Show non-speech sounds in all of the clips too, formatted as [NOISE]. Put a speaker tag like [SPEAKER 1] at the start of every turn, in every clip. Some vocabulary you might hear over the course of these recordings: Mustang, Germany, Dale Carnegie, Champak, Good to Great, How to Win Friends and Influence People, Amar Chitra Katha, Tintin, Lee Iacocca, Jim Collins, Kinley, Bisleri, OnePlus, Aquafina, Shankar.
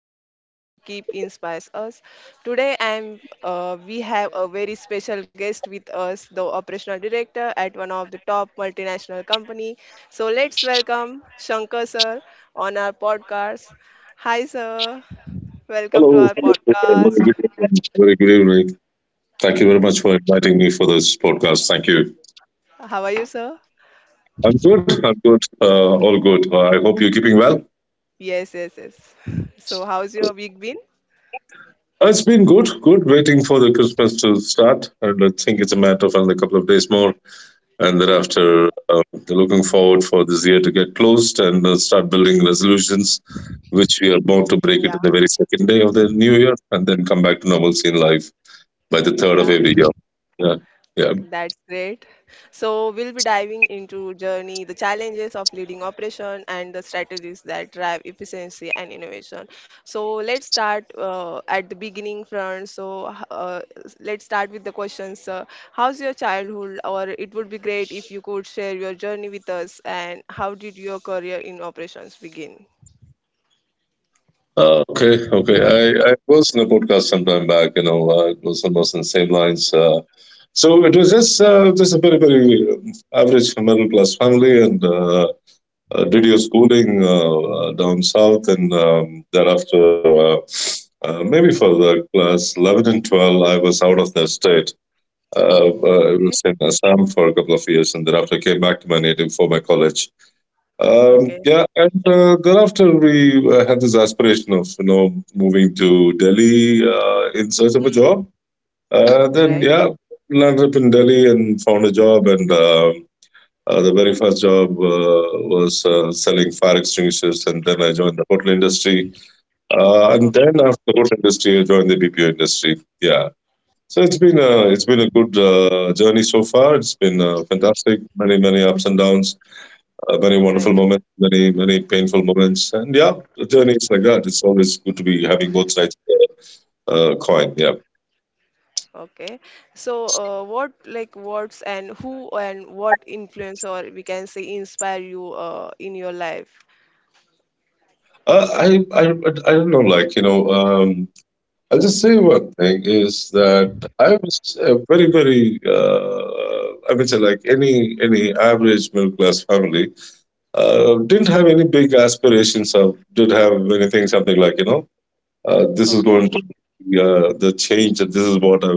[SPEAKER 1] the people who keep inspires us. Today, I'm we have a very special guest with us, the operational director at one of the top multinational company. So let's welcome Shankar sir on our podcast. Hi, sir. Welcome to
[SPEAKER 2] Hello.
[SPEAKER 1] our
[SPEAKER 2] Hello. Very good
[SPEAKER 1] podcast.
[SPEAKER 2] evening. Very good evening. Thank you very much for inviting me for this podcast. Thank you.
[SPEAKER 1] How are you, sir?
[SPEAKER 2] I'm good. I'm good. All good. I hope you're keeping well.
[SPEAKER 1] Yes, yes, yes. So, how's your week been?
[SPEAKER 2] It's been good. Good. Waiting for the Christmas to start, and I think it's a matter of another couple of days more, and
[SPEAKER 1] Okay.
[SPEAKER 2] thereafter, um, looking forward for this year to get closed and start building resolutions, which we are bound
[SPEAKER 1] Yeah,
[SPEAKER 2] to break it on the very second day of the new year, and then come back to normalcy in life by the third of
[SPEAKER 1] yeah.
[SPEAKER 2] every year. Yeah. Yeah.
[SPEAKER 1] That's great. So we'll be diving into journey, the challenges of leading operation, and the strategies that drive efficiency and innovation. So let's start at the beginning, front. So let's start with the questions. How's your childhood? Or it would be great if you could share your journey with us. And how did your career in operations begin?
[SPEAKER 2] Oh, okay, okay. I was in a podcast sometime back, it was almost in the same lines. So it was just a very, very average middle class family and did your schooling down south. And thereafter, maybe for the class 11 and 12, I was out of the state. I was in Assam for a couple of years and thereafter came back to my native for my college.
[SPEAKER 1] Okay. Okay.
[SPEAKER 2] Yeah, and thereafter we had this aspiration of, you know, moving to Delhi in search of a
[SPEAKER 1] Hmm.
[SPEAKER 2] job.
[SPEAKER 1] Right.
[SPEAKER 2] Then yeah, landed up in Delhi and found a job, and the very first job was selling fire extinguishers. And then I joined the hotel industry, and then
[SPEAKER 1] Okay.
[SPEAKER 2] after the hotel industry, I joined the BPO industry. Yeah. So it's been a good journey so far. It's been fantastic, many ups and downs, many
[SPEAKER 1] Right.
[SPEAKER 2] wonderful moments, many painful moments, and yeah, the journey is like that. It's always good to be having both sides of the coin. Yeah,
[SPEAKER 1] Okay. So, what like what's and who and what influence or we can say inspire you in your life?
[SPEAKER 2] uh, I, I I don't know, like, I'll just say one thing is that I was a very very I would say like any average middle class family didn't have any big aspirations of did have anything something like, you know, this is
[SPEAKER 1] Okay.
[SPEAKER 2] going to be the change and this is what I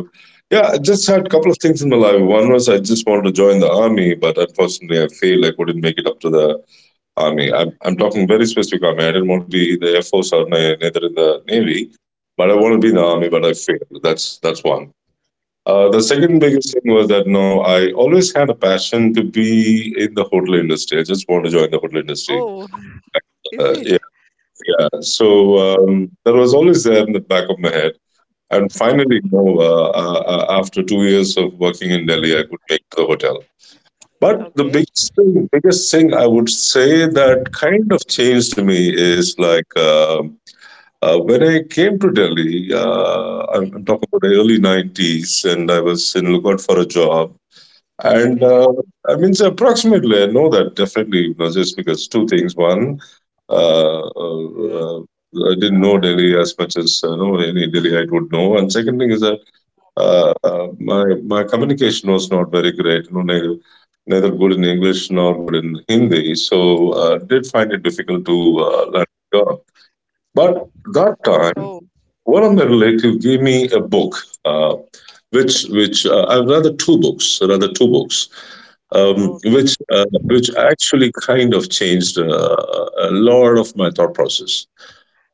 [SPEAKER 2] yeah I just had a couple of things in my life. One was I just wanted to join the army, but unfortunately I failed. I couldn't make it up to the army. I'm talking very specific army. I didn't want to be the air force or neither in the
[SPEAKER 1] Mhm.
[SPEAKER 2] navy, but I wanted to be in the
[SPEAKER 1] Mm.
[SPEAKER 2] army, but I failed. That's one. The
[SPEAKER 1] Oh.
[SPEAKER 2] second biggest thing was that, no, I always had a passion to be in the hotel industry. I just want to join the hotel industry.
[SPEAKER 1] Oh, [LAUGHS] is
[SPEAKER 2] Uh, yeah,
[SPEAKER 1] it?
[SPEAKER 2] yeah. So that was always there in the back of my head. And finally, you know, after 2 years of working in Delhi, I could make the hotel. But
[SPEAKER 1] Okay.
[SPEAKER 2] biggest thing I would say that kind of changed me is like when I came to Delhi,
[SPEAKER 1] Mm.
[SPEAKER 2] I'm talking about the early 90s, and I was in lookout for a job. And
[SPEAKER 1] Okay.
[SPEAKER 2] I mean, so approximately, I know that definitely, you know, just because two things. One, uh, uh,
[SPEAKER 1] Mm.
[SPEAKER 2] uh, I didn't know Delhi as much as you know any Delhiite would know. And second thing is, I my communication was not very great. You know, neither good in English nor good in Hindi, so did find it difficult to learn the job. But that
[SPEAKER 1] Oh,
[SPEAKER 2] time, one of my relatives gave me a book, uh, which I've rather two books,
[SPEAKER 1] okay.
[SPEAKER 2] which actually kind of changed a lot of my thought process.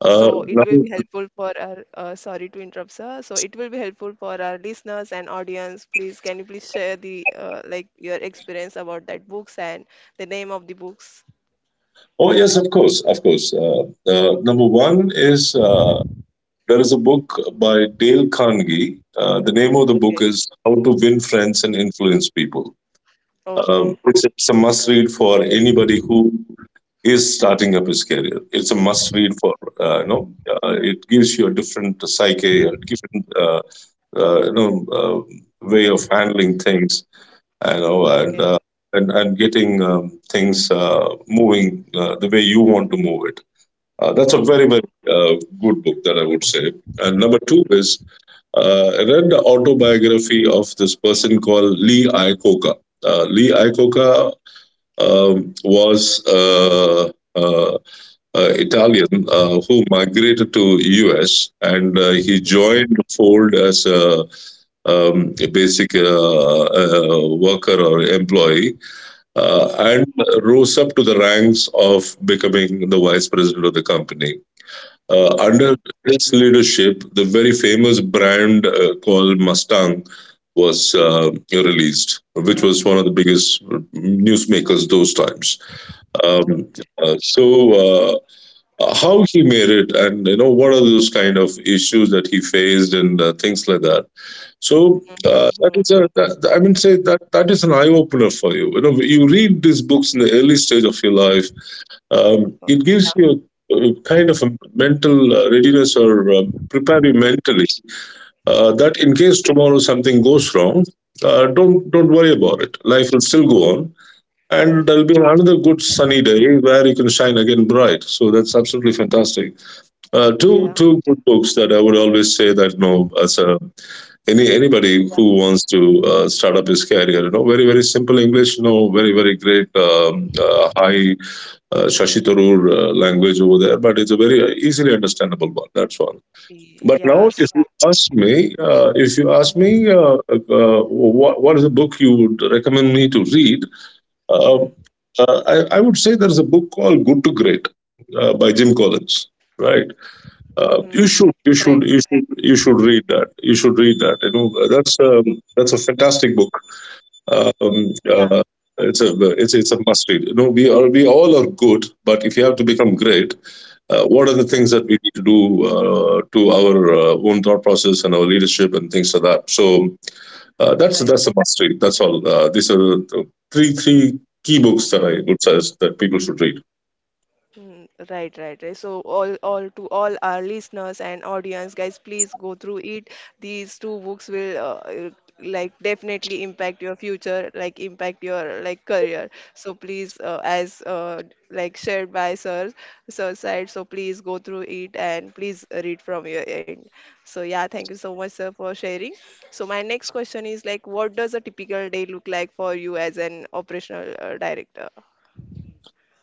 [SPEAKER 2] Uh,
[SPEAKER 1] it will be
[SPEAKER 2] now-
[SPEAKER 1] helpful for our, sorry to interrupt, sir. So it will be helpful for our listeners and audience. Please, can you please share the like your experience about that books and the name of the books?
[SPEAKER 2] oh yes, of course, of course. Number one is. There is a book by Dale Carnegie. The name of the book
[SPEAKER 1] Okay.
[SPEAKER 2] is How to Win Friends and Influence People.
[SPEAKER 1] Okay.
[SPEAKER 2] It's a must read for anybody who is starting up his career. It's a must read for, it gives you a different psyche, a different, uh, you know, uh, way of handling things, you know,
[SPEAKER 1] Okay.
[SPEAKER 2] and getting things moving the way you want to move it. That's a
[SPEAKER 1] Oh.
[SPEAKER 2] very, very uh, good book that I would say. And number two is I read the autobiography of this person called Lee Iacocca. Lee Iacocca was uh, uh, Italian who migrated to US and he joined Ford as a basic worker or employee
[SPEAKER 1] Hmm.
[SPEAKER 2] and rose up to the ranks of becoming the vice president of the company under
[SPEAKER 1] Okay.
[SPEAKER 2] his leadership, the very famous brand called Mustang was released, which was one of the biggest newsmakers those times. Um,
[SPEAKER 1] Okay.
[SPEAKER 2] uh, so, how he made it, and you know, what are those kind of issues that he faced, and things like that. So,
[SPEAKER 1] Mm-hmm.
[SPEAKER 2] that is a, that, I mean, say that that is an eye opener for you. You know, you read these books in the early stage of your life, it
[SPEAKER 1] Yeah.
[SPEAKER 2] gives you a, kind of a mental readiness or prepare you mentally that in
[SPEAKER 1] Yes.
[SPEAKER 2] case tomorrow something goes wrong, don't don't worry about it. Life will still go on, and
[SPEAKER 1] Hmm.
[SPEAKER 2] there'll be another good sunny day where you can shine again bright. So that's absolutely fantastic. Uh, two
[SPEAKER 1] Yeah.
[SPEAKER 2] two good books that I would always say that you know as a anybody
[SPEAKER 1] Yeah.
[SPEAKER 2] who wants to start up his career, you know, very very simple English, you know, very very great high Shashi Tharoor language over there, but it's a very easily understandable one. That's all. But now,
[SPEAKER 1] Yeah.
[SPEAKER 2] if you
[SPEAKER 1] So.
[SPEAKER 2] ask me, what is a book you would recommend me to read? Uh,
[SPEAKER 1] Hmm.
[SPEAKER 2] I would say there's a book called Good to Great by Jim Collins. Right?
[SPEAKER 1] Hmm. Right.
[SPEAKER 2] You should read that. You should read that. You know, that's a fantastic book um,
[SPEAKER 1] Yeah.
[SPEAKER 2] uh, it's a it's a must read. No, we all are good, but if you have to become great, what are the
[SPEAKER 1] uh,
[SPEAKER 2] things that we need to do to our own thought process and our leadership and things like that? So that's
[SPEAKER 1] Right.
[SPEAKER 2] a must read. That's all. These are the three key books that I would suggest that people should read.
[SPEAKER 1] Mm, right, right, right. So all to all our listeners and audience, guys, please go through it. These two books will uh, like definitely impact your future, like impact your like career. So please, as like shared by sir, sir said, so please go through it and please read from your end. So yeah, thank you so much, sir, for sharing. So my next question is like, what does a typical day look like for you as an operational director?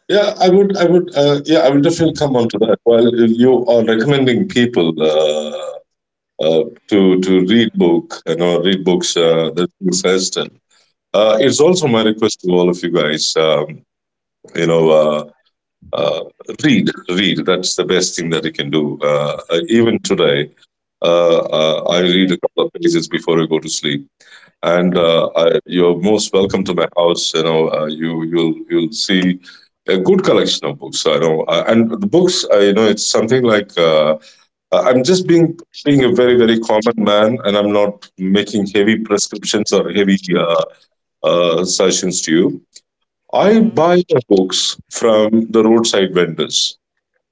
[SPEAKER 2] Yeah, I will definitely come on to that. While you are recommending people uh, to to read book, you know, read books
[SPEAKER 1] Right.
[SPEAKER 2] that you suggested, it's also
[SPEAKER 1] Hmm.
[SPEAKER 2] my request to all of you guys. You know, uh, uh, read, read. That's the best thing that you can do. Even today, I
[SPEAKER 1] Right,
[SPEAKER 2] read
[SPEAKER 1] right.
[SPEAKER 2] a couple of pages before I go to sleep. And you're most welcome to my house. You know, you'll you'll see a good collection of books. I know, and the books. You know, it's something like I'm just being a very very common man, and I'm not making heavy prescriptions or heavy suggestions to you. I
[SPEAKER 1] Hmm.
[SPEAKER 2] buy my books from the roadside vendors.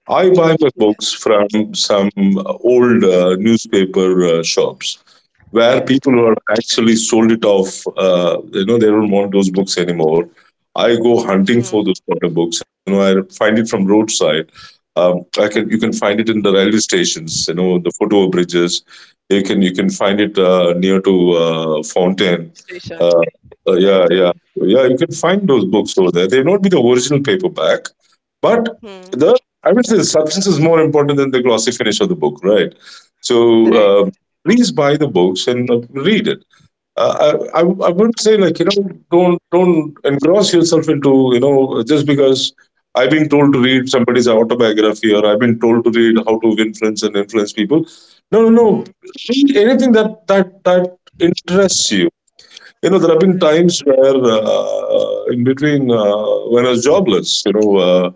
[SPEAKER 2] I buy my
[SPEAKER 1] Yeah.
[SPEAKER 2] books from some old newspaper shops where
[SPEAKER 1] Right.
[SPEAKER 2] people who have actually sold it off, you know, they don't want those books anymore. I go hunting
[SPEAKER 1] Hmm.
[SPEAKER 2] for those sort of books. You know, I find it from roadside. I can you can
[SPEAKER 1] Hmm.
[SPEAKER 2] find it in the railway stations. You know, the foot bridges. You can find it near to Fountain.
[SPEAKER 1] Stations.
[SPEAKER 2] Uh, uh,
[SPEAKER 1] Right.
[SPEAKER 2] yeah, yeah, yeah. You can find those books over there. They may not be the original paperback, but
[SPEAKER 1] Hmm.
[SPEAKER 2] the I would say the substance is more important than the glossy finish of the book, right? So
[SPEAKER 1] Right.
[SPEAKER 2] please buy the books and read it. Uh, I I would say like you know don't engross yourself into, you know, just because I've been told to read somebody's autobiography or I've been told to read how to influence and influence people. No no no,
[SPEAKER 1] Hmm.
[SPEAKER 2] read anything that interests you. You know there have been
[SPEAKER 1] Right.
[SPEAKER 2] times where in between when I was jobless, you know. Uh,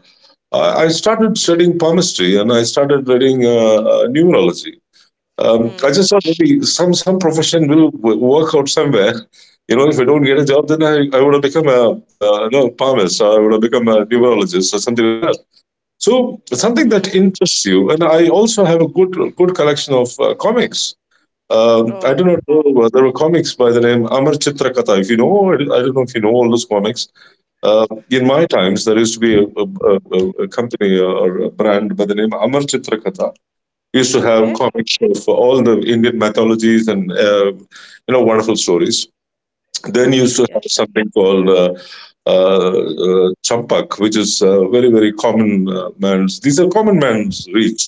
[SPEAKER 2] I I started studying palmistry and I started reading numerology, I
[SPEAKER 1] Hmm.
[SPEAKER 2] just thought maybe some profession will work out somewhere. You know, if I don't get a job, then I would have become a palmist, or I would have become a neurologist or something like that. So something
[SPEAKER 1] Hmm.
[SPEAKER 2] that interests you, and I also have a good collection of comics. I do
[SPEAKER 1] Oh.
[SPEAKER 2] not know, there were comics by the name Amar Chitra Katha. If you know, I don't know if you know all those comics. In my times, there used to be a company or a brand by the name Amar Chitra Katha, used to have
[SPEAKER 1] Okay.
[SPEAKER 2] comic shows for all the Indian mythologies and you know, wonderful stories. Then
[SPEAKER 1] Ah,
[SPEAKER 2] used to have
[SPEAKER 1] yes.
[SPEAKER 2] something called uh, champak, which is very very common man's. These are common man's reach.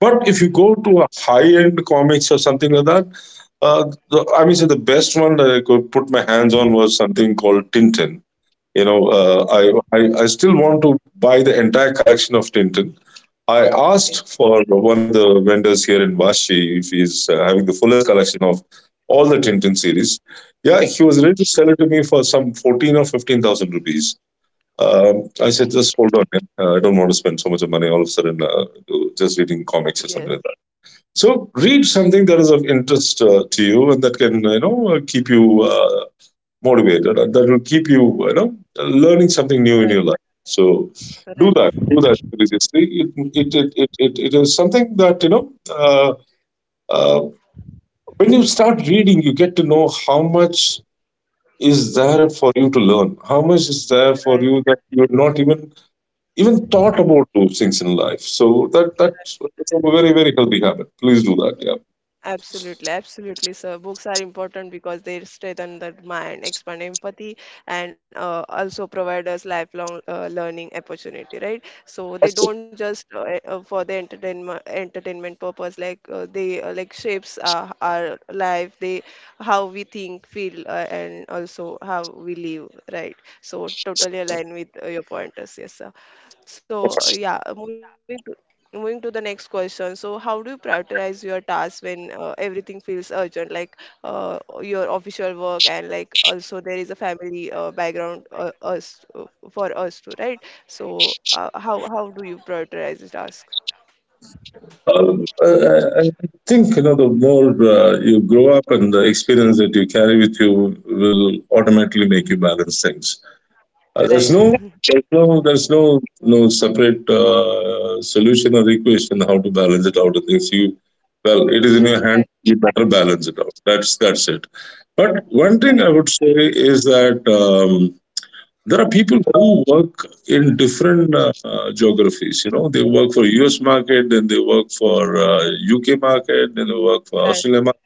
[SPEAKER 2] But if you
[SPEAKER 1] Okay.
[SPEAKER 2] go to a high end comics or something like that, I mean, so the best one that I could put my hands on was something called Tintin. You know, uh,
[SPEAKER 1] Oh,
[SPEAKER 2] I, I I still want to buy the entire collection of Tintin. I asked
[SPEAKER 1] okay.
[SPEAKER 2] for one of the vendors here in Vashi if he's having the fullest collection of all the Tintin series. Yeah, he was ready to sell it to me for some 14 or 15,000 rupees. I said, just hold on, man. I don't want to spend so much of money all of a sudden to just reading comics or
[SPEAKER 1] Yes.
[SPEAKER 2] something like that. So read something that is of interest to you, and that can, keep you motivated, and that will keep you you know learning something new in your life, so do
[SPEAKER 1] Right,
[SPEAKER 2] that religiously. It is something that, uh, uh, when you start reading, you get to know how much is there for you to learn, how much is there for you that you're not even thought about those things in life. So that
[SPEAKER 1] right.
[SPEAKER 2] that's a very very healthy habit. Please do that. Yeah.
[SPEAKER 1] Absolutely, absolutely, sir. Books are important because they strengthen the mind, expand empathy, and also provide us lifelong learning opportunity, right? So they don't just for the entertainment purpose, like shapes our life, they how we think, feel, and also how we live, right? So totally align with your pointers, yes, sir. So Moving to the next question. So, how do you prioritize your tasks when everything feels urgent, like your official work and like also there is a family background us for us too, right? So, how do you prioritize the task?
[SPEAKER 2] Um, I, I I think, you know, the more you grow up and the experience that you carry with you will automatically make you balance things. Uh, there's
[SPEAKER 1] Right.
[SPEAKER 2] no,
[SPEAKER 1] [LAUGHS]
[SPEAKER 2] there's no separate solution or equation how to balance it out. And things, you, well, it is in
[SPEAKER 1] Hmm.
[SPEAKER 2] your hand.
[SPEAKER 1] Right.
[SPEAKER 2] You better balance it out. That's it. But one thing I
[SPEAKER 1] Right.
[SPEAKER 2] would say is that. There are people who work in different geographies, you know, they work for us market, then they work for uk market, then they work for
[SPEAKER 1] Right.
[SPEAKER 2] australia market.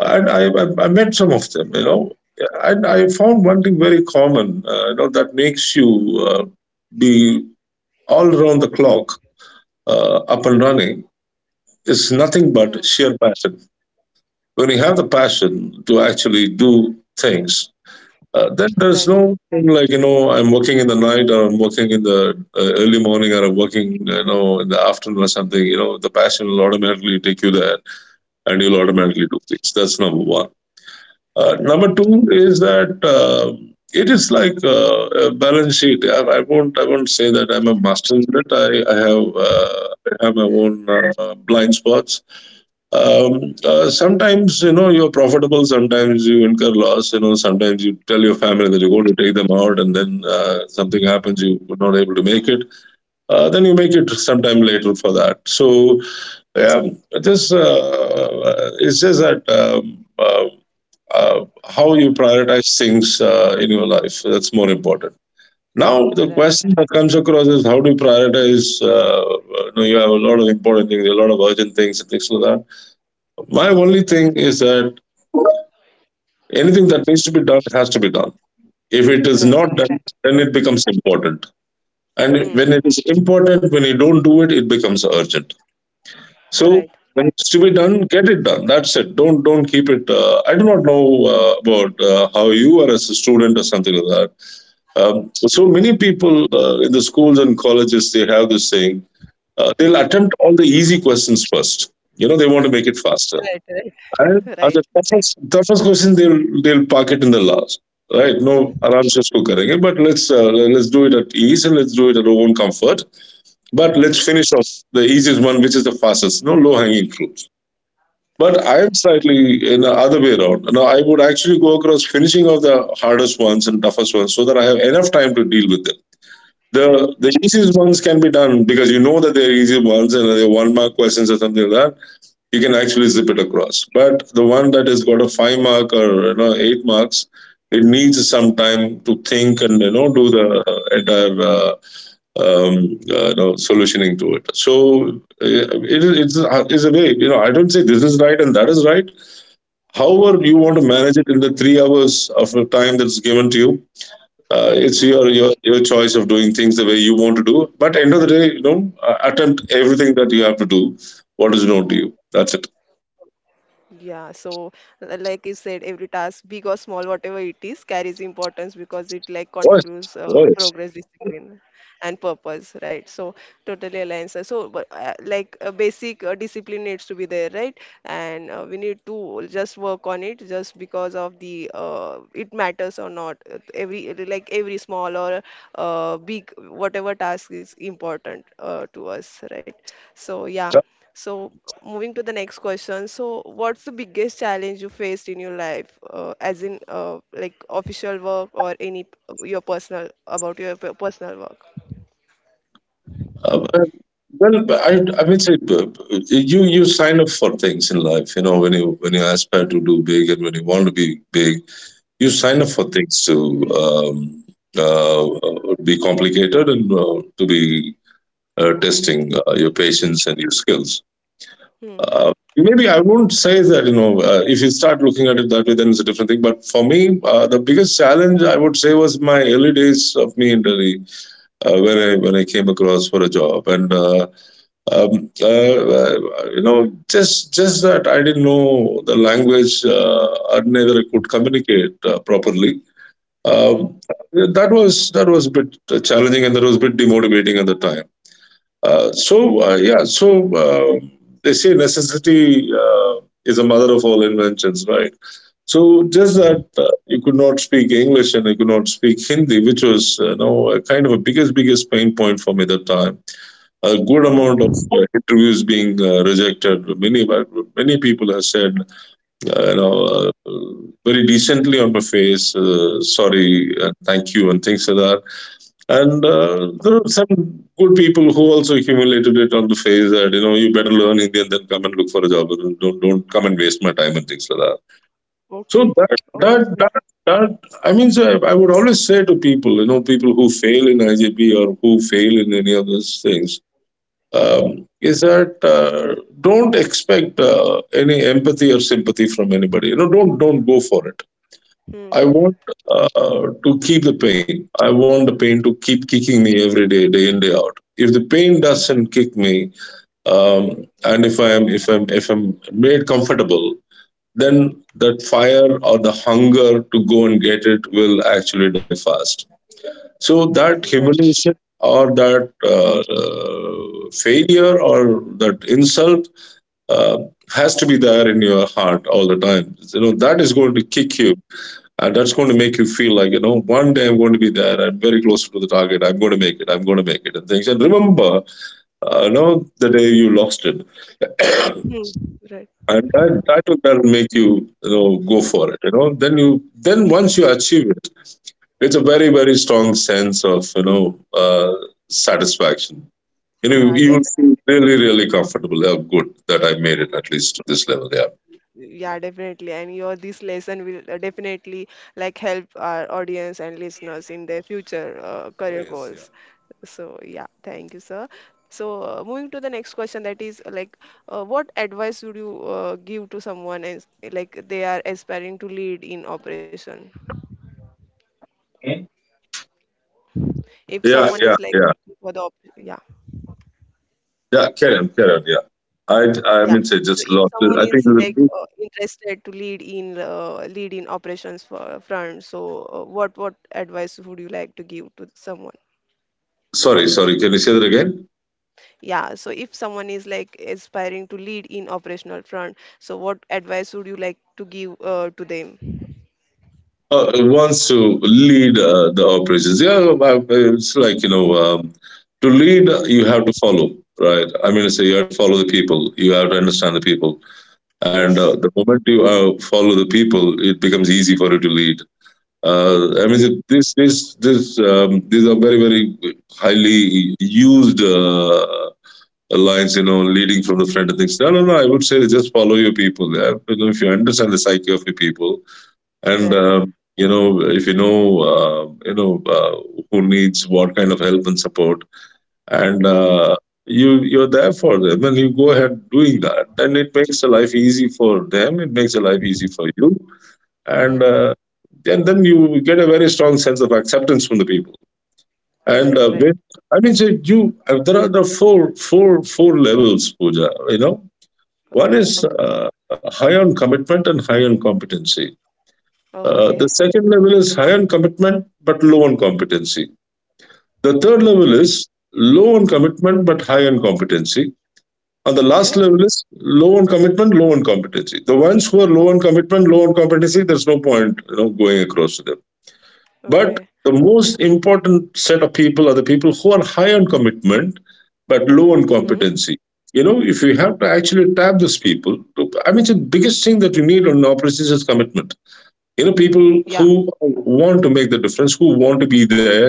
[SPEAKER 2] And
[SPEAKER 1] Hmm.
[SPEAKER 2] I met some of them, you know, and I found one thing very common, that makes you uh, be all around the clock, up and running, is nothing
[SPEAKER 1] Hmm.
[SPEAKER 2] but sheer passion. When you have the passion to actually do things, there's
[SPEAKER 1] Right.
[SPEAKER 2] no, like, you know, I'm working in the night or I'm working in the early morning or I'm working, you know, in the afternoon or something. You know, the passion will automatically take you there, and you'll automatically do things. That's number one.
[SPEAKER 1] Right.
[SPEAKER 2] Number two is that, it is like a balance sheet. I won't say that I'm a master in it. I have uh, I have my own blind spots. Sometimes, you know, you're profitable, sometimes you incur loss, you know, sometimes you tell your family that you're going to take them out and then something happens, you were not able to make it, then you make it sometime later for that. So yeah, just, it's just that, how you prioritize things in your life, that's more important. Now the
[SPEAKER 1] Right.
[SPEAKER 2] question that comes across is, how do you prioritize, you know, you have a lot of important things, a lot of urgent things and things like that. My only thing is that anything that needs to be done has to be done. If it is not
[SPEAKER 1] Right. Right.
[SPEAKER 2] done, then it
[SPEAKER 1] Total.
[SPEAKER 2] becomes important. And when it
[SPEAKER 1] Hmm.
[SPEAKER 2] is important, when you don't do it, it becomes urgent. So
[SPEAKER 1] Right.
[SPEAKER 2] when it's to be done, get it done. That's it. Don't keep it. I do not know about how you are as a student or something like that. So many people in the schools and colleges, they have this saying. They'll
[SPEAKER 1] Hmm.
[SPEAKER 2] attempt all the easy questions first. You know, they want to make it faster.
[SPEAKER 1] Right. Right.
[SPEAKER 2] And
[SPEAKER 1] [LAUGHS]
[SPEAKER 2] the
[SPEAKER 1] Right.
[SPEAKER 2] toughest question, they'll park it in the last, right? No, आराम से उसको करेंगे. But let's, let's do it at ease and let's do it at our own comfort. But let's
[SPEAKER 1] Hmm.
[SPEAKER 2] finish off the easiest one, which is the fastest, no low hanging fruits. But
[SPEAKER 1] Right.
[SPEAKER 2] I'm slightly in the other way around. Now I would actually go across finishing off the hardest ones and toughest ones so that I have enough time to deal with them. The
[SPEAKER 1] Right.
[SPEAKER 2] the easiest ones can be done because you know that they're easy ones and they're one mark questions or something like that, you can actually zip it across. But the one that has got a five mark or, you know, eight marks, it needs some time to think and, you know, do the entire you know, solutioning to it. So it's a way. You know, I don't say this is right and that is right. However, you want to manage it in the 3 hours of the time that's given to you.
[SPEAKER 1] Hmm.
[SPEAKER 2] Your choice of doing things the way you want to do. But end of the day, you know, attempt everything that you have to do. What is known to you. That's it.
[SPEAKER 1] Yeah, so like you said, every task, big or small, whatever it is, carries importance because it like
[SPEAKER 2] What?
[SPEAKER 1] contributes
[SPEAKER 2] What?
[SPEAKER 1] progress, discipline, and purpose, right? So totally aligns. So but, like a basic discipline needs to be there, right? And we need to just work on it, just because of the it matters or not. Every like every small or big, whatever task is important to us, right? So yeah. So, moving to the next question. So, what's the biggest challenge you faced in your life, as in like official work or any your personal about your personal work?
[SPEAKER 2] Uh, well, I would say you you sign up for things in life. You know, when you aspire to do big and when you want to be big, you sign
[SPEAKER 1] Hmm.
[SPEAKER 2] up for things to be complicated and to be testing your patience and your skills.
[SPEAKER 1] Hmm.
[SPEAKER 2] Uh, Maybe I will not say that. You know, if you start looking at it that way, then it's a different thing. But for me, the biggest challenge I would say was my early days of me in Delhi, when I came across for a job, and um, uh, uh, you know, just that I didn't know the language, or neither I could communicate properly.
[SPEAKER 1] Hmm.
[SPEAKER 2] Um, that was a bit challenging, and that was a bit demotivating at the time. Yeah, so they say necessity is a mother of all inventions, right? So just that you could not speak English and you could not speak Hindi, which was, a kind of a biggest pain point for me at that time. A good
[SPEAKER 1] Oh.
[SPEAKER 2] amount of interviews being rejected. Many many people have said uh, you know uh, very decently on my face, sorry and thank you and things like that. And
[SPEAKER 1] Um.
[SPEAKER 2] there are some good people who also accumulated it on the face that, you know, you better learn Hindi and then come and look for a job. And don't come and waste my time and things like that. So
[SPEAKER 1] Okay. Oh.
[SPEAKER 2] that
[SPEAKER 1] So.
[SPEAKER 2] that that I mean, so I would always say to people, you know, people who fail in IJP or who fail in any of those things, is that, don't expect any empathy or sympathy from anybody. You know, don't go for it.
[SPEAKER 1] Hmm.
[SPEAKER 2] I want to keep the pain. I want the pain to keep kicking me every day, day in day out. If the pain doesn't kick me, and if I'm made comfortable, then that fire or the hunger to go and get it will actually die fast. So that
[SPEAKER 1] Right.
[SPEAKER 2] humiliation or that failure or that insult uh, has to be there in your heart all the time. You know, that is going to kick you, and that's going to make you feel like, you know, one day I'm going to be there. I'm very close to the target. I'm going to make it. I'm going to make it, and things. And remember, you know, the day you lost it,
[SPEAKER 1] Hmm. Right.
[SPEAKER 2] and that that will then make you, you know, go for it, you know, then once you achieve it, it's a very very strong sense of, you know, uh, satisfaction, you know,
[SPEAKER 1] Yeah.
[SPEAKER 2] you will feel really really comfortable, oh good that I made it at least to this level. Yeah.
[SPEAKER 1] Yeah, definitely. And your this lesson will definitely like help our audience and listeners in their future career goals. So yeah, thank you, sir. So moving to the next question, that is like, what advice would you give to someone as like they are aspiring to lead in operation? If
[SPEAKER 2] Yeah,
[SPEAKER 1] someone
[SPEAKER 2] yeah,
[SPEAKER 1] is like
[SPEAKER 2] yeah,
[SPEAKER 1] for the op, yeah.
[SPEAKER 2] yeah. Carry on, carry on. Yeah, I, I
[SPEAKER 1] Yeah.
[SPEAKER 2] mean, I
[SPEAKER 1] So
[SPEAKER 2] just
[SPEAKER 1] if
[SPEAKER 2] lost it.
[SPEAKER 1] someone
[SPEAKER 2] I think
[SPEAKER 1] is
[SPEAKER 2] the
[SPEAKER 1] like
[SPEAKER 2] group.
[SPEAKER 1] interested to lead in lead in operations for front, so what advice would you like to give to someone?
[SPEAKER 2] Sorry, sorry. Can say that again?
[SPEAKER 1] Yeah. So if someone is like aspiring to lead in operational front, so what advice would you like to give to them?
[SPEAKER 2] Wants to lead the operations. Yeah, it's like you know, to lead you have to follow, right? I mean, to say you have to follow the people. You to understand the people, and
[SPEAKER 1] Yes.
[SPEAKER 2] the moment you follow the people, it becomes easy for you to lead. I mean, this, this, this. These are very, very highly used. Lines, you know, leading from the front and things. No, no, no. I would say just follow your people. Yeah? You know, if you understand the psyche of your people, and
[SPEAKER 1] Right.
[SPEAKER 2] you know, if you know, you know, who needs what kind of help and support, and
[SPEAKER 1] Hmm.
[SPEAKER 2] you you're there for them, and you go ahead doing that, and it makes the life easy for them. It makes the life easy for you, and
[SPEAKER 1] Hmm.
[SPEAKER 2] uh, and then you get a very strong sense of acceptance from the people. And uh,
[SPEAKER 1] Right.
[SPEAKER 2] with,
[SPEAKER 1] Right.
[SPEAKER 2] I mean, so you there are four levels, Pooja. You know, one is
[SPEAKER 1] Okay.
[SPEAKER 2] high on commitment and high on competency. The
[SPEAKER 1] Okay.
[SPEAKER 2] second level is high on commitment but low on competency. The third level is low on commitment but high on competency. And the last
[SPEAKER 1] Okay.
[SPEAKER 2] level is low on commitment, low on competency. The ones who are low on commitment, low on competency, there's no point you know, going across to them. But
[SPEAKER 1] Okay.
[SPEAKER 2] the most important set of people are the people who are high on commitment but low on
[SPEAKER 1] Hmm.
[SPEAKER 2] competency. You know, if you have to actually tap those people, I mean, the biggest thing that you need on operations is commitment. You know, people
[SPEAKER 1] Yeah.
[SPEAKER 2] who want to make the difference, who want to be there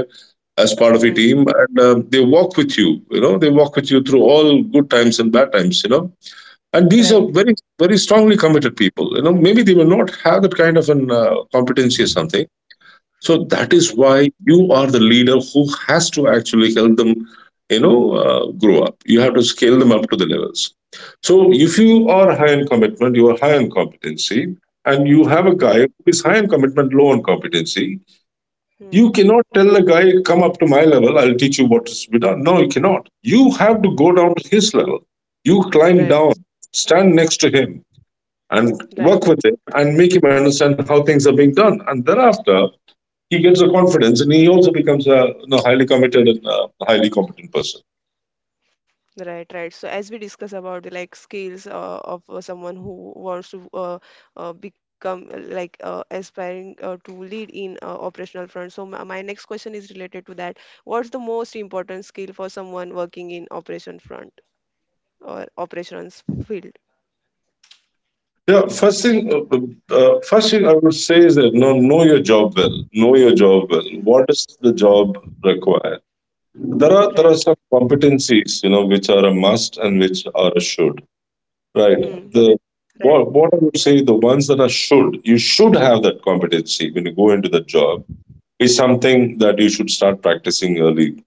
[SPEAKER 2] as part of a
[SPEAKER 1] Hmm.
[SPEAKER 2] team, and they walk with you. You know, they walk with you through all good times and bad times. You know, and these are
[SPEAKER 1] Right.
[SPEAKER 2] very, very strongly committed people. You know, maybe they will not have that kind of an competency or something, so that is
[SPEAKER 1] Okay.
[SPEAKER 2] why you are the leader who has to actually help them, you know, grow up. You have to scale them up to the levels. So if you are high in commitment, you are high in competency, and you have a
[SPEAKER 1] Hmm.
[SPEAKER 2] guy who is high in commitment, low in competency,
[SPEAKER 1] Hmm.
[SPEAKER 2] you cannot tell the guy, "Come up to my level. I'll teach you what is to be done." No, you cannot. You have to go down to his level. You climb
[SPEAKER 1] Right.
[SPEAKER 2] down, stand next to him, and
[SPEAKER 1] Right.
[SPEAKER 2] work with him, and make him understand how things are being done. And thereafter, he gets the confidence and he also becomes a you know, highly committed and highly competent person.
[SPEAKER 1] Right, right. So as we discuss about the like skills of someone who wants to become aspiring to lead in operational front. So my next question is related to that. What's the most important skill for someone working in operation front or operations field?
[SPEAKER 2] Yeah, first thing I would say is that know your job well. Know your job well. What does the job require? There are there
[SPEAKER 1] Right.
[SPEAKER 2] are some competencies you know which are a must and which are a should. Right.
[SPEAKER 1] Hmm.
[SPEAKER 2] The
[SPEAKER 1] Right. Right.
[SPEAKER 2] what I would say, the ones that are should, you should have that competency when you go into the job, is something that you should start practicing early.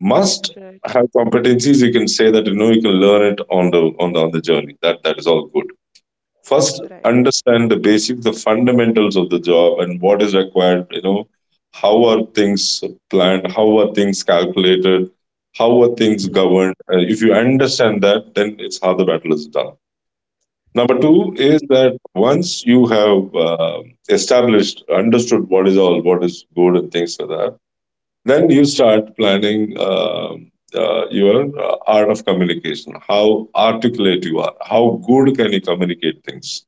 [SPEAKER 2] Must
[SPEAKER 1] Right.
[SPEAKER 2] have competencies, you can say that you know you can learn it on the on the journey, that is all good. First
[SPEAKER 1] Right.
[SPEAKER 2] understand the basic, the fundamentals of the job and what is required, you know, how are things planned, how are things calculated, how are things
[SPEAKER 1] Hmm.
[SPEAKER 2] governed. If you understand that, then it's how the battle is done. Number two is
[SPEAKER 1] Okay.
[SPEAKER 2] that once you have uh, established, understood what is all what is good and things like that, then you start planning, um your art of communication, how articulate you are, how good can you communicate things.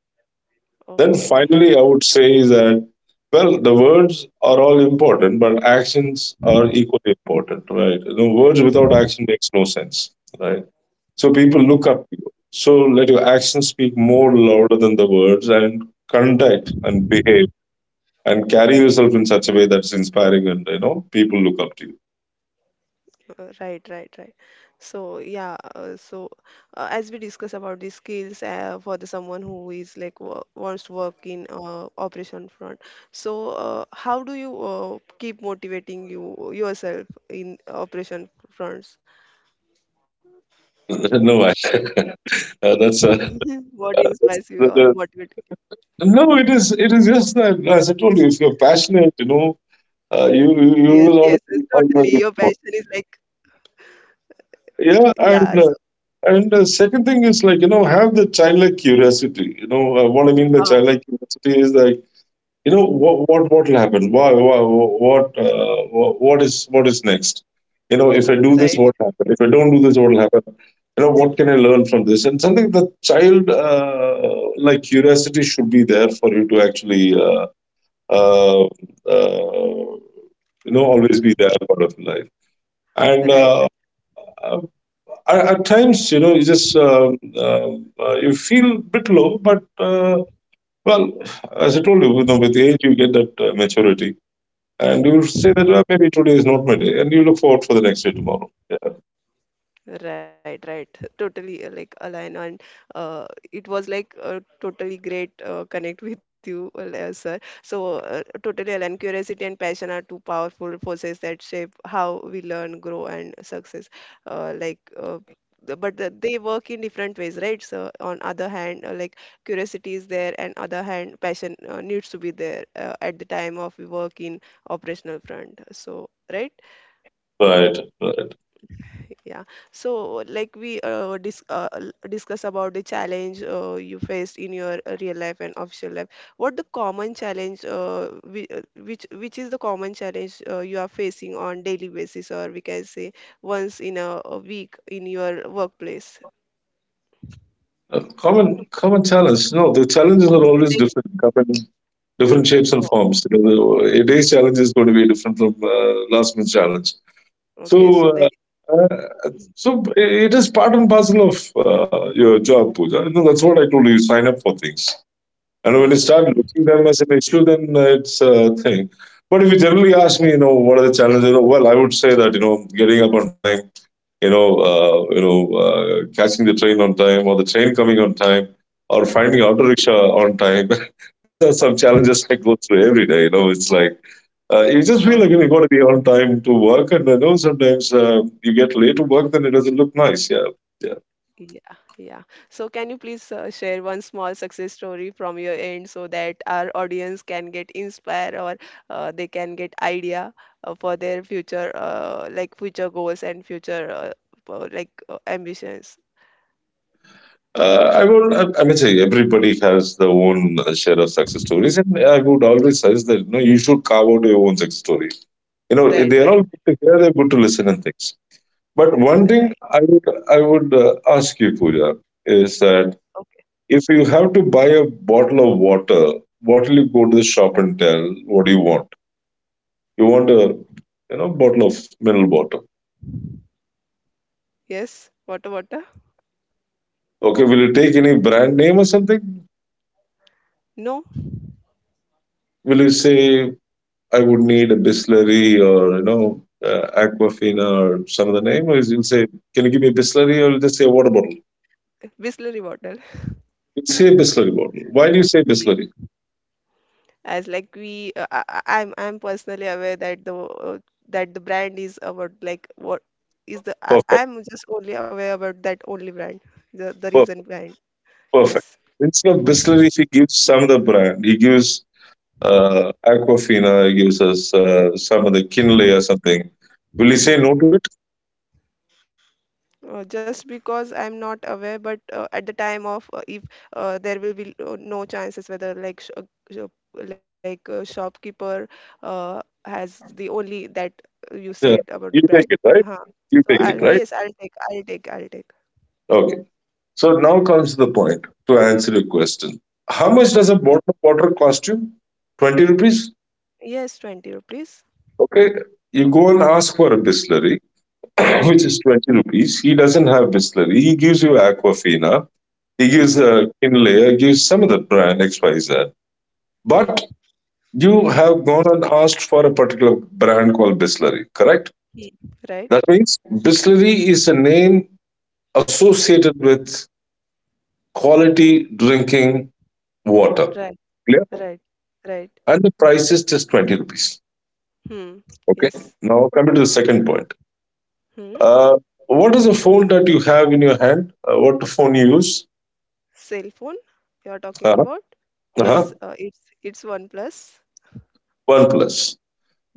[SPEAKER 2] Then
[SPEAKER 1] Okay.
[SPEAKER 2] finally, I would say is that, well, the words are all important, but actions are equally important, right? You know, words without action makes no sense, right? So people
[SPEAKER 1] Hmm.
[SPEAKER 2] look up to you. So let your actions speak more louder than the words, and conduct and behave and carry yourself in such a way that's inspiring, and you know people look up to you.
[SPEAKER 1] Right, right, right. So yeah, as we discuss about the skills for the someone who is like wants to work in operation front. So how do you keep motivating you yourself in operation fronts?
[SPEAKER 2] [LAUGHS] no I, [LAUGHS] that's a
[SPEAKER 1] [LAUGHS] What
[SPEAKER 2] that's
[SPEAKER 1] inspires you or
[SPEAKER 2] the-
[SPEAKER 1] motivating you?
[SPEAKER 2] No, it is, it is just that as I told you, if you're passionate, you know, you will
[SPEAKER 1] Yes, yes, yes,
[SPEAKER 2] always be
[SPEAKER 1] totally. Your
[SPEAKER 2] more.
[SPEAKER 1] passion is like
[SPEAKER 2] Yeah,
[SPEAKER 1] yeah. So
[SPEAKER 2] and the second thing is like, you know, have the childlike curiosity. You know, what I mean by
[SPEAKER 1] ah,
[SPEAKER 2] childlike curiosity is that, you know, what will happen, why, what what is, what is next. You know, if I do this, what
[SPEAKER 1] right,
[SPEAKER 2] will happen? If I don't do this, what will happen? You know, what can I learn from this and something. The child like curiosity should be there for you to actually uh, uh, you know always be there part of life. And
[SPEAKER 1] right.
[SPEAKER 2] uh, at times, you know, you just um, you feel a bit low, but uh, well, as I told you, you know, with age you get that maturity, and you say that, well, maybe today is not my day, and you look forward for the next day tomorrow.
[SPEAKER 1] Right, right. Totally like align on uh it was like totally great connect with you well, sir. So totally align curiosity and passion are two powerful forces that shape how we learn, grow and success. Uh, like uh, but the, they work in different ways, right? So on other hand, like curiosity is there and other hand passion needs to be there at the time of we work in operational front. So right?
[SPEAKER 2] Right, right.
[SPEAKER 1] Yeah. So, like discuss about the challenge you faced in your real life and official life. What the common challenge, which is the common challenge you are facing on daily basis, or we can say once in a week in your workplace?
[SPEAKER 2] Common, common challenge. No, the challenges are
[SPEAKER 1] Is there
[SPEAKER 2] always
[SPEAKER 1] any?
[SPEAKER 2] different. Come in different shapes and
[SPEAKER 1] Oh,
[SPEAKER 2] forms. You know, a day's challenge is going to be different from last month's challenge.
[SPEAKER 1] okay.
[SPEAKER 2] So,
[SPEAKER 1] So there.
[SPEAKER 2] uh, so it is part and parcel of your job, Pooja. You know, that's what I told you. You sign up for things, and when you
[SPEAKER 1] Hmm.
[SPEAKER 2] start looking them as an issue, then it's a thing. But if you generally ask me, you know, what are the challenges? You know, well, I would say that you know, getting up on time, you know, catching the train on time, or the train coming on time, or finding auto rickshaw on time. [LAUGHS] These are some challenges I go through every day. You know, it's like you just feel like, you know, you got to be on time to work, and I know sometimes you get late to work, then it doesn't look nice. Yeah, yeah.
[SPEAKER 1] Yeah, yeah. So can you please share one small success story from your end so that our audience can get inspired or they can get idea for their future like future goals and future ambitions.
[SPEAKER 2] I mean, say everybody has their own share of success stories, and I would always suggest that you know you should carve out your own success story. You know, they
[SPEAKER 1] Right,
[SPEAKER 2] are all
[SPEAKER 1] right,
[SPEAKER 2] good to hear, they're good to listen and things. But one
[SPEAKER 1] right.
[SPEAKER 2] thing I would I would ask you, Pooja, is that
[SPEAKER 1] Okay.
[SPEAKER 2] if you have to buy a bottle of water, what will you go to the shop and tell? What do you want? You want a you know bottle of mineral water.
[SPEAKER 1] Yes. Water, water.
[SPEAKER 2] Okay, will you take any brand name or something?
[SPEAKER 1] No,
[SPEAKER 2] Will you say I would need a Bisleri or you know Aquafina or some other name, or you'll say, can you give me a Bisleri, or you'll just say a water bottle?
[SPEAKER 1] Whistlery bottle.
[SPEAKER 2] You'll say Bisleri bottle. Why do you say Bisleri?
[SPEAKER 1] As like I'm personally aware that the brand is about like what is the
[SPEAKER 2] Perfect.
[SPEAKER 1] I'm just only aware about that only brand, the reason brand.
[SPEAKER 2] Perfect.
[SPEAKER 1] Yes.
[SPEAKER 2] Instead of Bisleri, he gives some of the brand. He gives Aquafina, he gives us some of the Kinley or something. Will he say no
[SPEAKER 1] Hmm.
[SPEAKER 2] to it?
[SPEAKER 1] Just because I'm not aware, but at the time of if there will be no chances whether like like shopkeeper uh, has the only that you
[SPEAKER 2] Yeah.
[SPEAKER 1] said
[SPEAKER 2] You
[SPEAKER 1] about the
[SPEAKER 2] take it,
[SPEAKER 1] brand.
[SPEAKER 2] right?
[SPEAKER 1] Huh.
[SPEAKER 2] You
[SPEAKER 1] So
[SPEAKER 2] take it,
[SPEAKER 1] I'll
[SPEAKER 2] right?
[SPEAKER 1] yes I'll take.
[SPEAKER 2] Okay. So now comes the point to answer your question. How much does a
[SPEAKER 1] Hmm.
[SPEAKER 2] bottle of water cost you? 20 rupees?
[SPEAKER 1] Yes, 20 rupees.
[SPEAKER 2] Okay. You go and ask for a Bisleri, [CLEARS THROAT] which
[SPEAKER 1] Hmm.
[SPEAKER 2] is 20 rupees. He doesn't have Bisleri. He gives you Aquafina. He gives
[SPEAKER 1] Hmm.
[SPEAKER 2] a inlay, gives some of the brand XYZ. But
[SPEAKER 1] Hmm.
[SPEAKER 2] you have gone and asked for a particular brand called Bisleri, correct?
[SPEAKER 1] He-
[SPEAKER 2] That
[SPEAKER 1] right,
[SPEAKER 2] means Bisleri is a name associated with quality drinking water.
[SPEAKER 1] right,
[SPEAKER 2] Clear?
[SPEAKER 1] right, right.
[SPEAKER 2] And the price is just 20 rupees.
[SPEAKER 1] Hmm.
[SPEAKER 2] Okay.
[SPEAKER 1] Yes.
[SPEAKER 2] Now coming to the second point.
[SPEAKER 1] Hmm.
[SPEAKER 2] Uh, what is the phone that you have in your hand? What phone you use?
[SPEAKER 1] Cell phone you are
[SPEAKER 2] Uh-huh.
[SPEAKER 1] talking about?
[SPEAKER 2] Uh-huh.
[SPEAKER 1] Yes, it's OnePlus.
[SPEAKER 2] OnePlus.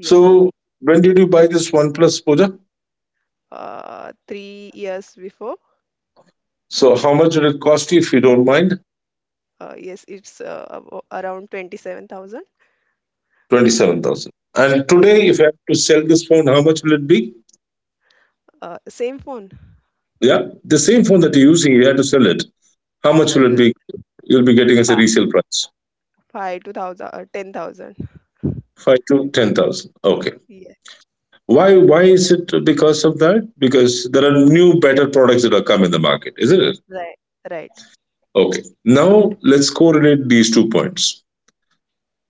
[SPEAKER 2] So
[SPEAKER 1] Yes.
[SPEAKER 2] when did you buy this OnePlus, Pooja?
[SPEAKER 1] 3 years before.
[SPEAKER 2] So how much will it cost you if you don't mind?
[SPEAKER 1] Around 27,000.
[SPEAKER 2] 27,000. And today, if
[SPEAKER 1] Yes.
[SPEAKER 2] I have to sell this phone, how much will it be?
[SPEAKER 1] Same phone.
[SPEAKER 2] Yeah, the same phone that you're using, you have to sell it. How much will it
[SPEAKER 1] It
[SPEAKER 2] be?
[SPEAKER 1] will
[SPEAKER 2] You'll be getting as a resale
[SPEAKER 1] fi-
[SPEAKER 2] price.
[SPEAKER 1] 5 to 1000 uh, 10,000.
[SPEAKER 2] Five to ten thousand. Okay.
[SPEAKER 1] Yeah.
[SPEAKER 2] Why? Why is it because of that? Because there are new, better products that are come in the market, isn't it?
[SPEAKER 1] Right, right.
[SPEAKER 2] Okay. Now let's correlate these two points.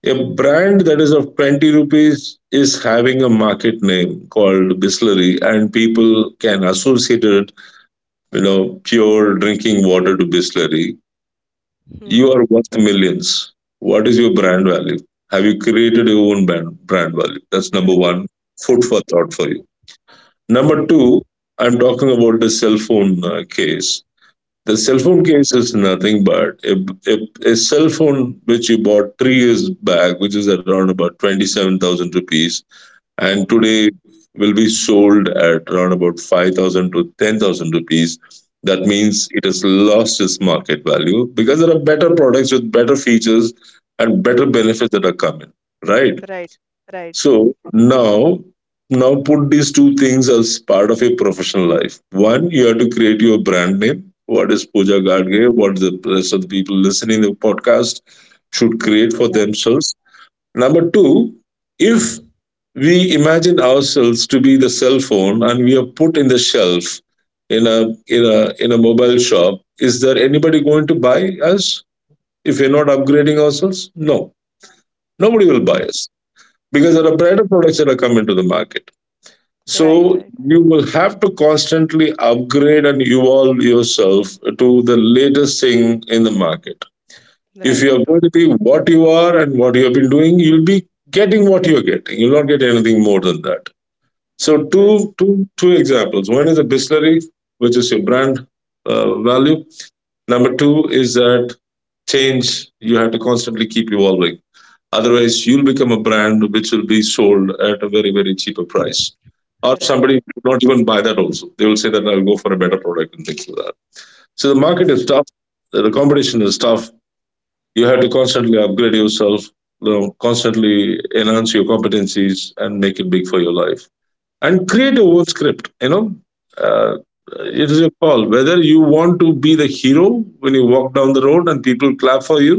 [SPEAKER 2] A brand that is of 20 rupees is having a market name called Bisleri, and people can associate it you know, pure drinking water to Bisleri, you
[SPEAKER 1] Hmm.
[SPEAKER 2] are worth millions. What is your brand value? Have you created your own brand value? That's number
[SPEAKER 1] Right,
[SPEAKER 2] one,
[SPEAKER 1] right.
[SPEAKER 2] food for thought for you.
[SPEAKER 1] Hmm.
[SPEAKER 2] Number
[SPEAKER 1] Hmm.
[SPEAKER 2] two, I'm talking about the cell phone case. The cell
[SPEAKER 1] Hmm.
[SPEAKER 2] phone case is nothing but a cell phone which you bought three years back, which is around about 27,000 rupees, and
[SPEAKER 1] Hmm.
[SPEAKER 2] today will be sold at around about 5,000 to 10,000 rupees. That
[SPEAKER 1] Hmm.
[SPEAKER 2] means it has lost its market value because there are better products with better features and better benefits that are coming, right?
[SPEAKER 1] Right, right.
[SPEAKER 2] So now, now put these two things as part of your professional life. One, you have to create your brand name. What is Pooja Gadge? What the rest of the people listening to the podcast should create for
[SPEAKER 1] Yeah.
[SPEAKER 2] themselves? Number two, if we imagine ourselves to be the cell phone and we are put in the shelf, in a, in a mobile shop, is there anybody going to buy us if we're not upgrading ourselves? No, nobody will
[SPEAKER 1] No.
[SPEAKER 2] buy us because there are
[SPEAKER 1] Hmm.
[SPEAKER 2] better products that are coming to the market. So
[SPEAKER 1] Right, right,
[SPEAKER 2] you will have to constantly upgrade and evolve yourself to the latest thing in the market. If you are
[SPEAKER 1] right,
[SPEAKER 2] going to
[SPEAKER 1] tot,
[SPEAKER 2] be what you are and what you have been doing, you'll be getting what you're getting. You'll not get anything more than that. So
[SPEAKER 1] right,
[SPEAKER 2] two examples. One is a Bisleri, which is your brand value.
[SPEAKER 1] hmm,
[SPEAKER 2] Number two is that change, you have to constantly keep evolving. Otherwise, you'll become a brand which will be sold at a very very cheaper price, or somebody
[SPEAKER 1] right.
[SPEAKER 2] will not even buy that. Also, they will say that I'll go for a better product and things like that. So the market is
[SPEAKER 1] Yes,
[SPEAKER 2] tough. The competition is tough. You have to constantly upgrade yourself. You know, constantly enhance your competencies and make it big for your life, and create your own script, you know, uh,
[SPEAKER 1] yeah,
[SPEAKER 2] it is your call whether you want to be the hero when you walk down the road and people clap for you,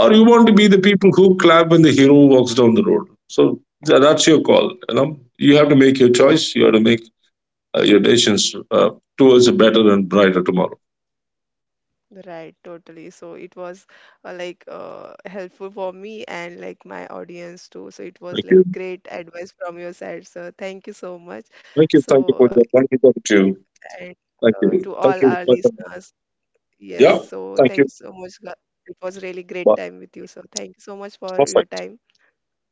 [SPEAKER 2] or you want to be the
[SPEAKER 1] right,
[SPEAKER 2] people who clap when the hero walks down the road. So that's your call, you know. You have to make your choice. You have to make your decisions uh, towards a better and brighter tomorrow.
[SPEAKER 1] right, totally. So it was helpful for me and like my audience too. So it was
[SPEAKER 2] Thank
[SPEAKER 1] like
[SPEAKER 2] you.
[SPEAKER 1] great advice from your side, sir. Thank you so much. So and
[SPEAKER 2] Thank
[SPEAKER 1] to
[SPEAKER 2] you. Thank
[SPEAKER 1] all
[SPEAKER 2] you.
[SPEAKER 1] our listeners, yes.
[SPEAKER 2] Yeah,
[SPEAKER 1] So thank you so much. Ga- it was really great time with you, sir. Thank you so much for your time.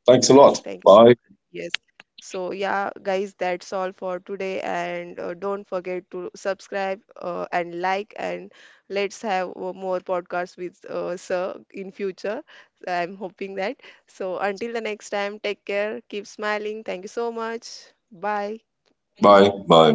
[SPEAKER 2] thanks a
[SPEAKER 1] Yes,
[SPEAKER 2] lot.
[SPEAKER 1] thank you so
[SPEAKER 2] Bye.
[SPEAKER 1] much. Yes. So yeah, guys, that's all for today. And don't forget to subscribe and like. And let's have more podcasts with Sir in future. I'm hoping that. So until the next time, take care. Keep smiling. Thank you so much. Bye.
[SPEAKER 2] Bye. Bye.